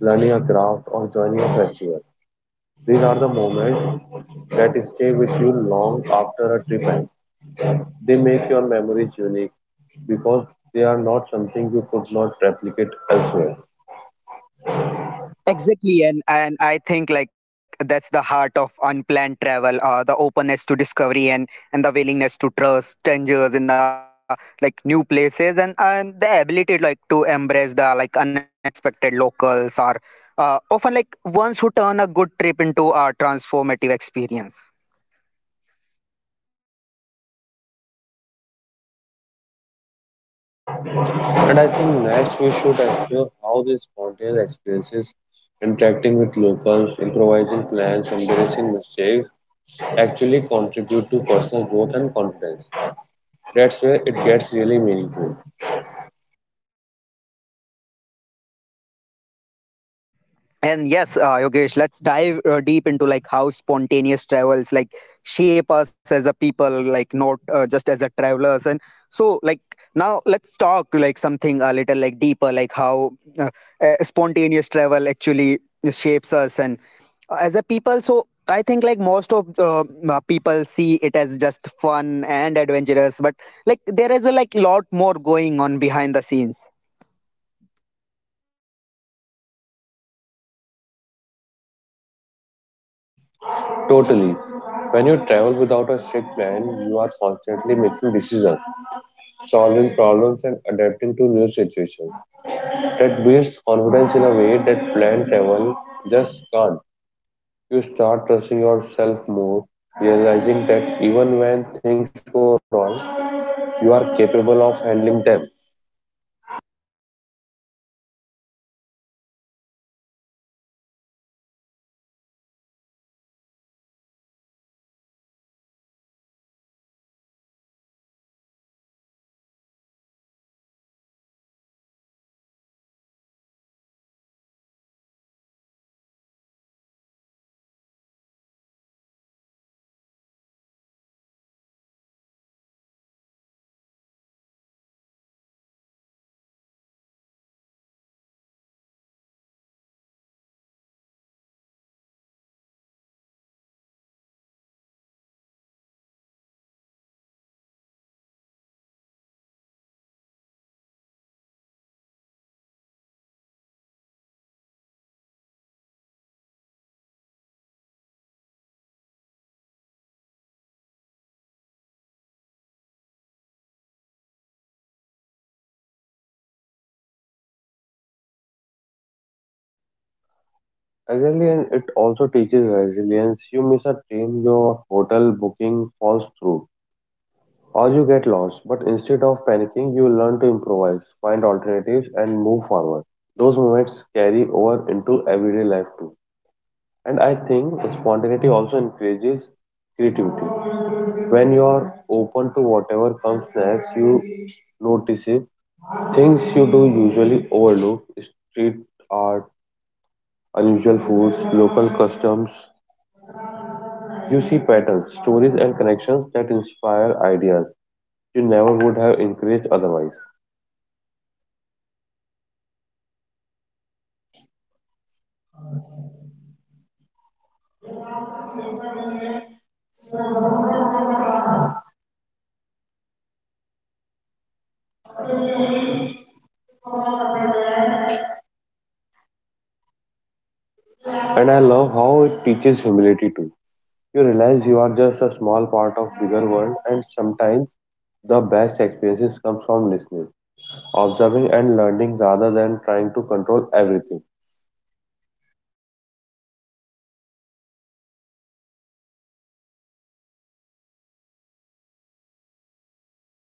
[SPEAKER 2] learning a craft, or joining a festival, these are the moments that stay with you long after a trip ends. They make your memories unique because they are not something you could not replicate elsewhere.
[SPEAKER 1] Exactly, and and I think like that's the heart of unplanned travel, uh, the openness to discovery and and the willingness to trust strangers in a like new places, and and the ability like to embrace the like unexpected locals or uh, often like ones who turn a good trip into a transformative experience.
[SPEAKER 2] And I think next we should explore how these spontaneous experiences, interacting with locals, improvising plans, embarrassing mistakes, actually contribute to personal growth and confidence. That's where it gets really meaningful.
[SPEAKER 1] And yes, uh, Yogesh, let's dive uh, deep into like how spontaneous travels like shape us as a people, like not uh, just as a travelers. And so, like now, let's talk like something a little like deeper, like how uh, uh, spontaneous travel actually shapes us and uh, as a people. So I think like most of uh, uh, people see it as just fun and adventurous, but like there is a like lot more going on behind the scenes.
[SPEAKER 2] Totally. When you travel without a strict plan, you are constantly making decisions solving problems and adapting to new situations. That builds confidence in a way that planned travel just can't. You start trusting yourself more, realizing that even when things go wrong, you are capable of handling them.
[SPEAKER 1] And you know like when you travel with a strict plan you are like constantly making decisions, so yeah, exactly, and uh, it's also like teaches resilience, and you miss a train, your hotel booking and falls through like or you go- get lost, but instead of like panicking, like you learn to improvise and and find alternatives there, and, and move forward, so yeah, those movements like carry over into everyday life too. And I think like uh, spontaneity like also increase creativity sometimes, and, and we are like you are open to whatever comes next, and you notice things like uh, you uh, like usually overlook and street art, unusual foods, and uh, local customs, you see patterns, uh, stories and connection like that inspires your ideas, so yeah, never like uh, would have encounter
[SPEAKER 2] Exactly, and
[SPEAKER 1] otherwise.
[SPEAKER 2] it also
[SPEAKER 1] So
[SPEAKER 2] teaches
[SPEAKER 1] and and,
[SPEAKER 2] resilience.
[SPEAKER 1] and
[SPEAKER 2] You
[SPEAKER 1] there is
[SPEAKER 2] miss a
[SPEAKER 1] like
[SPEAKER 2] train,
[SPEAKER 1] also a
[SPEAKER 2] your hotel
[SPEAKER 1] mindfulness
[SPEAKER 2] booking
[SPEAKER 1] aspect, like
[SPEAKER 2] falls
[SPEAKER 1] when uh,
[SPEAKER 2] through,
[SPEAKER 1] when you are not checking off
[SPEAKER 2] or
[SPEAKER 1] our
[SPEAKER 2] you get
[SPEAKER 1] schedules,
[SPEAKER 2] lost.
[SPEAKER 1] and
[SPEAKER 2] But
[SPEAKER 1] and
[SPEAKER 2] instead
[SPEAKER 1] you
[SPEAKER 2] of
[SPEAKER 1] are
[SPEAKER 2] panicking,
[SPEAKER 1] forced
[SPEAKER 2] you
[SPEAKER 1] to be
[SPEAKER 2] learn to
[SPEAKER 1] present, so
[SPEAKER 2] improvise, find
[SPEAKER 1] you notice like
[SPEAKER 2] alternatives,
[SPEAKER 1] that
[SPEAKER 2] and move
[SPEAKER 1] smells
[SPEAKER 2] forward.
[SPEAKER 1] and the
[SPEAKER 2] Those
[SPEAKER 1] sounds, the
[SPEAKER 2] moments carry
[SPEAKER 1] interactions,
[SPEAKER 2] over
[SPEAKER 1] it
[SPEAKER 2] into
[SPEAKER 1] makes like a
[SPEAKER 2] everyday life
[SPEAKER 1] travel
[SPEAKER 2] too.
[SPEAKER 1] and life uh,
[SPEAKER 2] And
[SPEAKER 1] feel
[SPEAKER 2] I
[SPEAKER 1] more
[SPEAKER 2] think
[SPEAKER 1] vivid and
[SPEAKER 2] spontaneity
[SPEAKER 1] alive.
[SPEAKER 2] also encourages creativity. When you are open to whatever comes next, you notice it. Things you do usually overlook street art, unusual foods, local customs. You see patterns, stories, and connections that inspire ideas you never would have encouraged otherwise.
[SPEAKER 1] And uh, I love like how it teaches humility too, and you realize like you are just small part of a bigger world, and and sometimes that like the best experience comes from listening
[SPEAKER 2] And I
[SPEAKER 1] and
[SPEAKER 2] love how it
[SPEAKER 1] observing
[SPEAKER 2] teaches
[SPEAKER 1] and learning,
[SPEAKER 2] humility
[SPEAKER 1] like
[SPEAKER 2] too.
[SPEAKER 1] rather than uh,
[SPEAKER 2] You
[SPEAKER 1] trying to
[SPEAKER 2] realize you are
[SPEAKER 1] control
[SPEAKER 2] just
[SPEAKER 1] everything.
[SPEAKER 2] a
[SPEAKER 1] So
[SPEAKER 2] small
[SPEAKER 1] yeah,
[SPEAKER 2] part
[SPEAKER 1] like
[SPEAKER 2] of bigger
[SPEAKER 1] absolutely,
[SPEAKER 2] world,
[SPEAKER 1] and
[SPEAKER 2] and
[SPEAKER 1] uh, these
[SPEAKER 2] sometimes
[SPEAKER 1] lessons like
[SPEAKER 2] the best
[SPEAKER 1] accumulate each
[SPEAKER 2] experiences come from
[SPEAKER 1] spontaneous
[SPEAKER 2] listening
[SPEAKER 1] trips like makes you
[SPEAKER 2] observing and
[SPEAKER 1] more
[SPEAKER 2] learning
[SPEAKER 1] adaptable
[SPEAKER 2] rather
[SPEAKER 1] and
[SPEAKER 2] than
[SPEAKER 1] more
[SPEAKER 2] trying
[SPEAKER 1] open
[SPEAKER 2] to
[SPEAKER 1] minded,
[SPEAKER 2] control
[SPEAKER 1] and I
[SPEAKER 2] everything.
[SPEAKER 1] say like more willing to embrace uncertainty, and and over the time like uh, that mindset can transform like how you approach challenges and relationships, and even your career.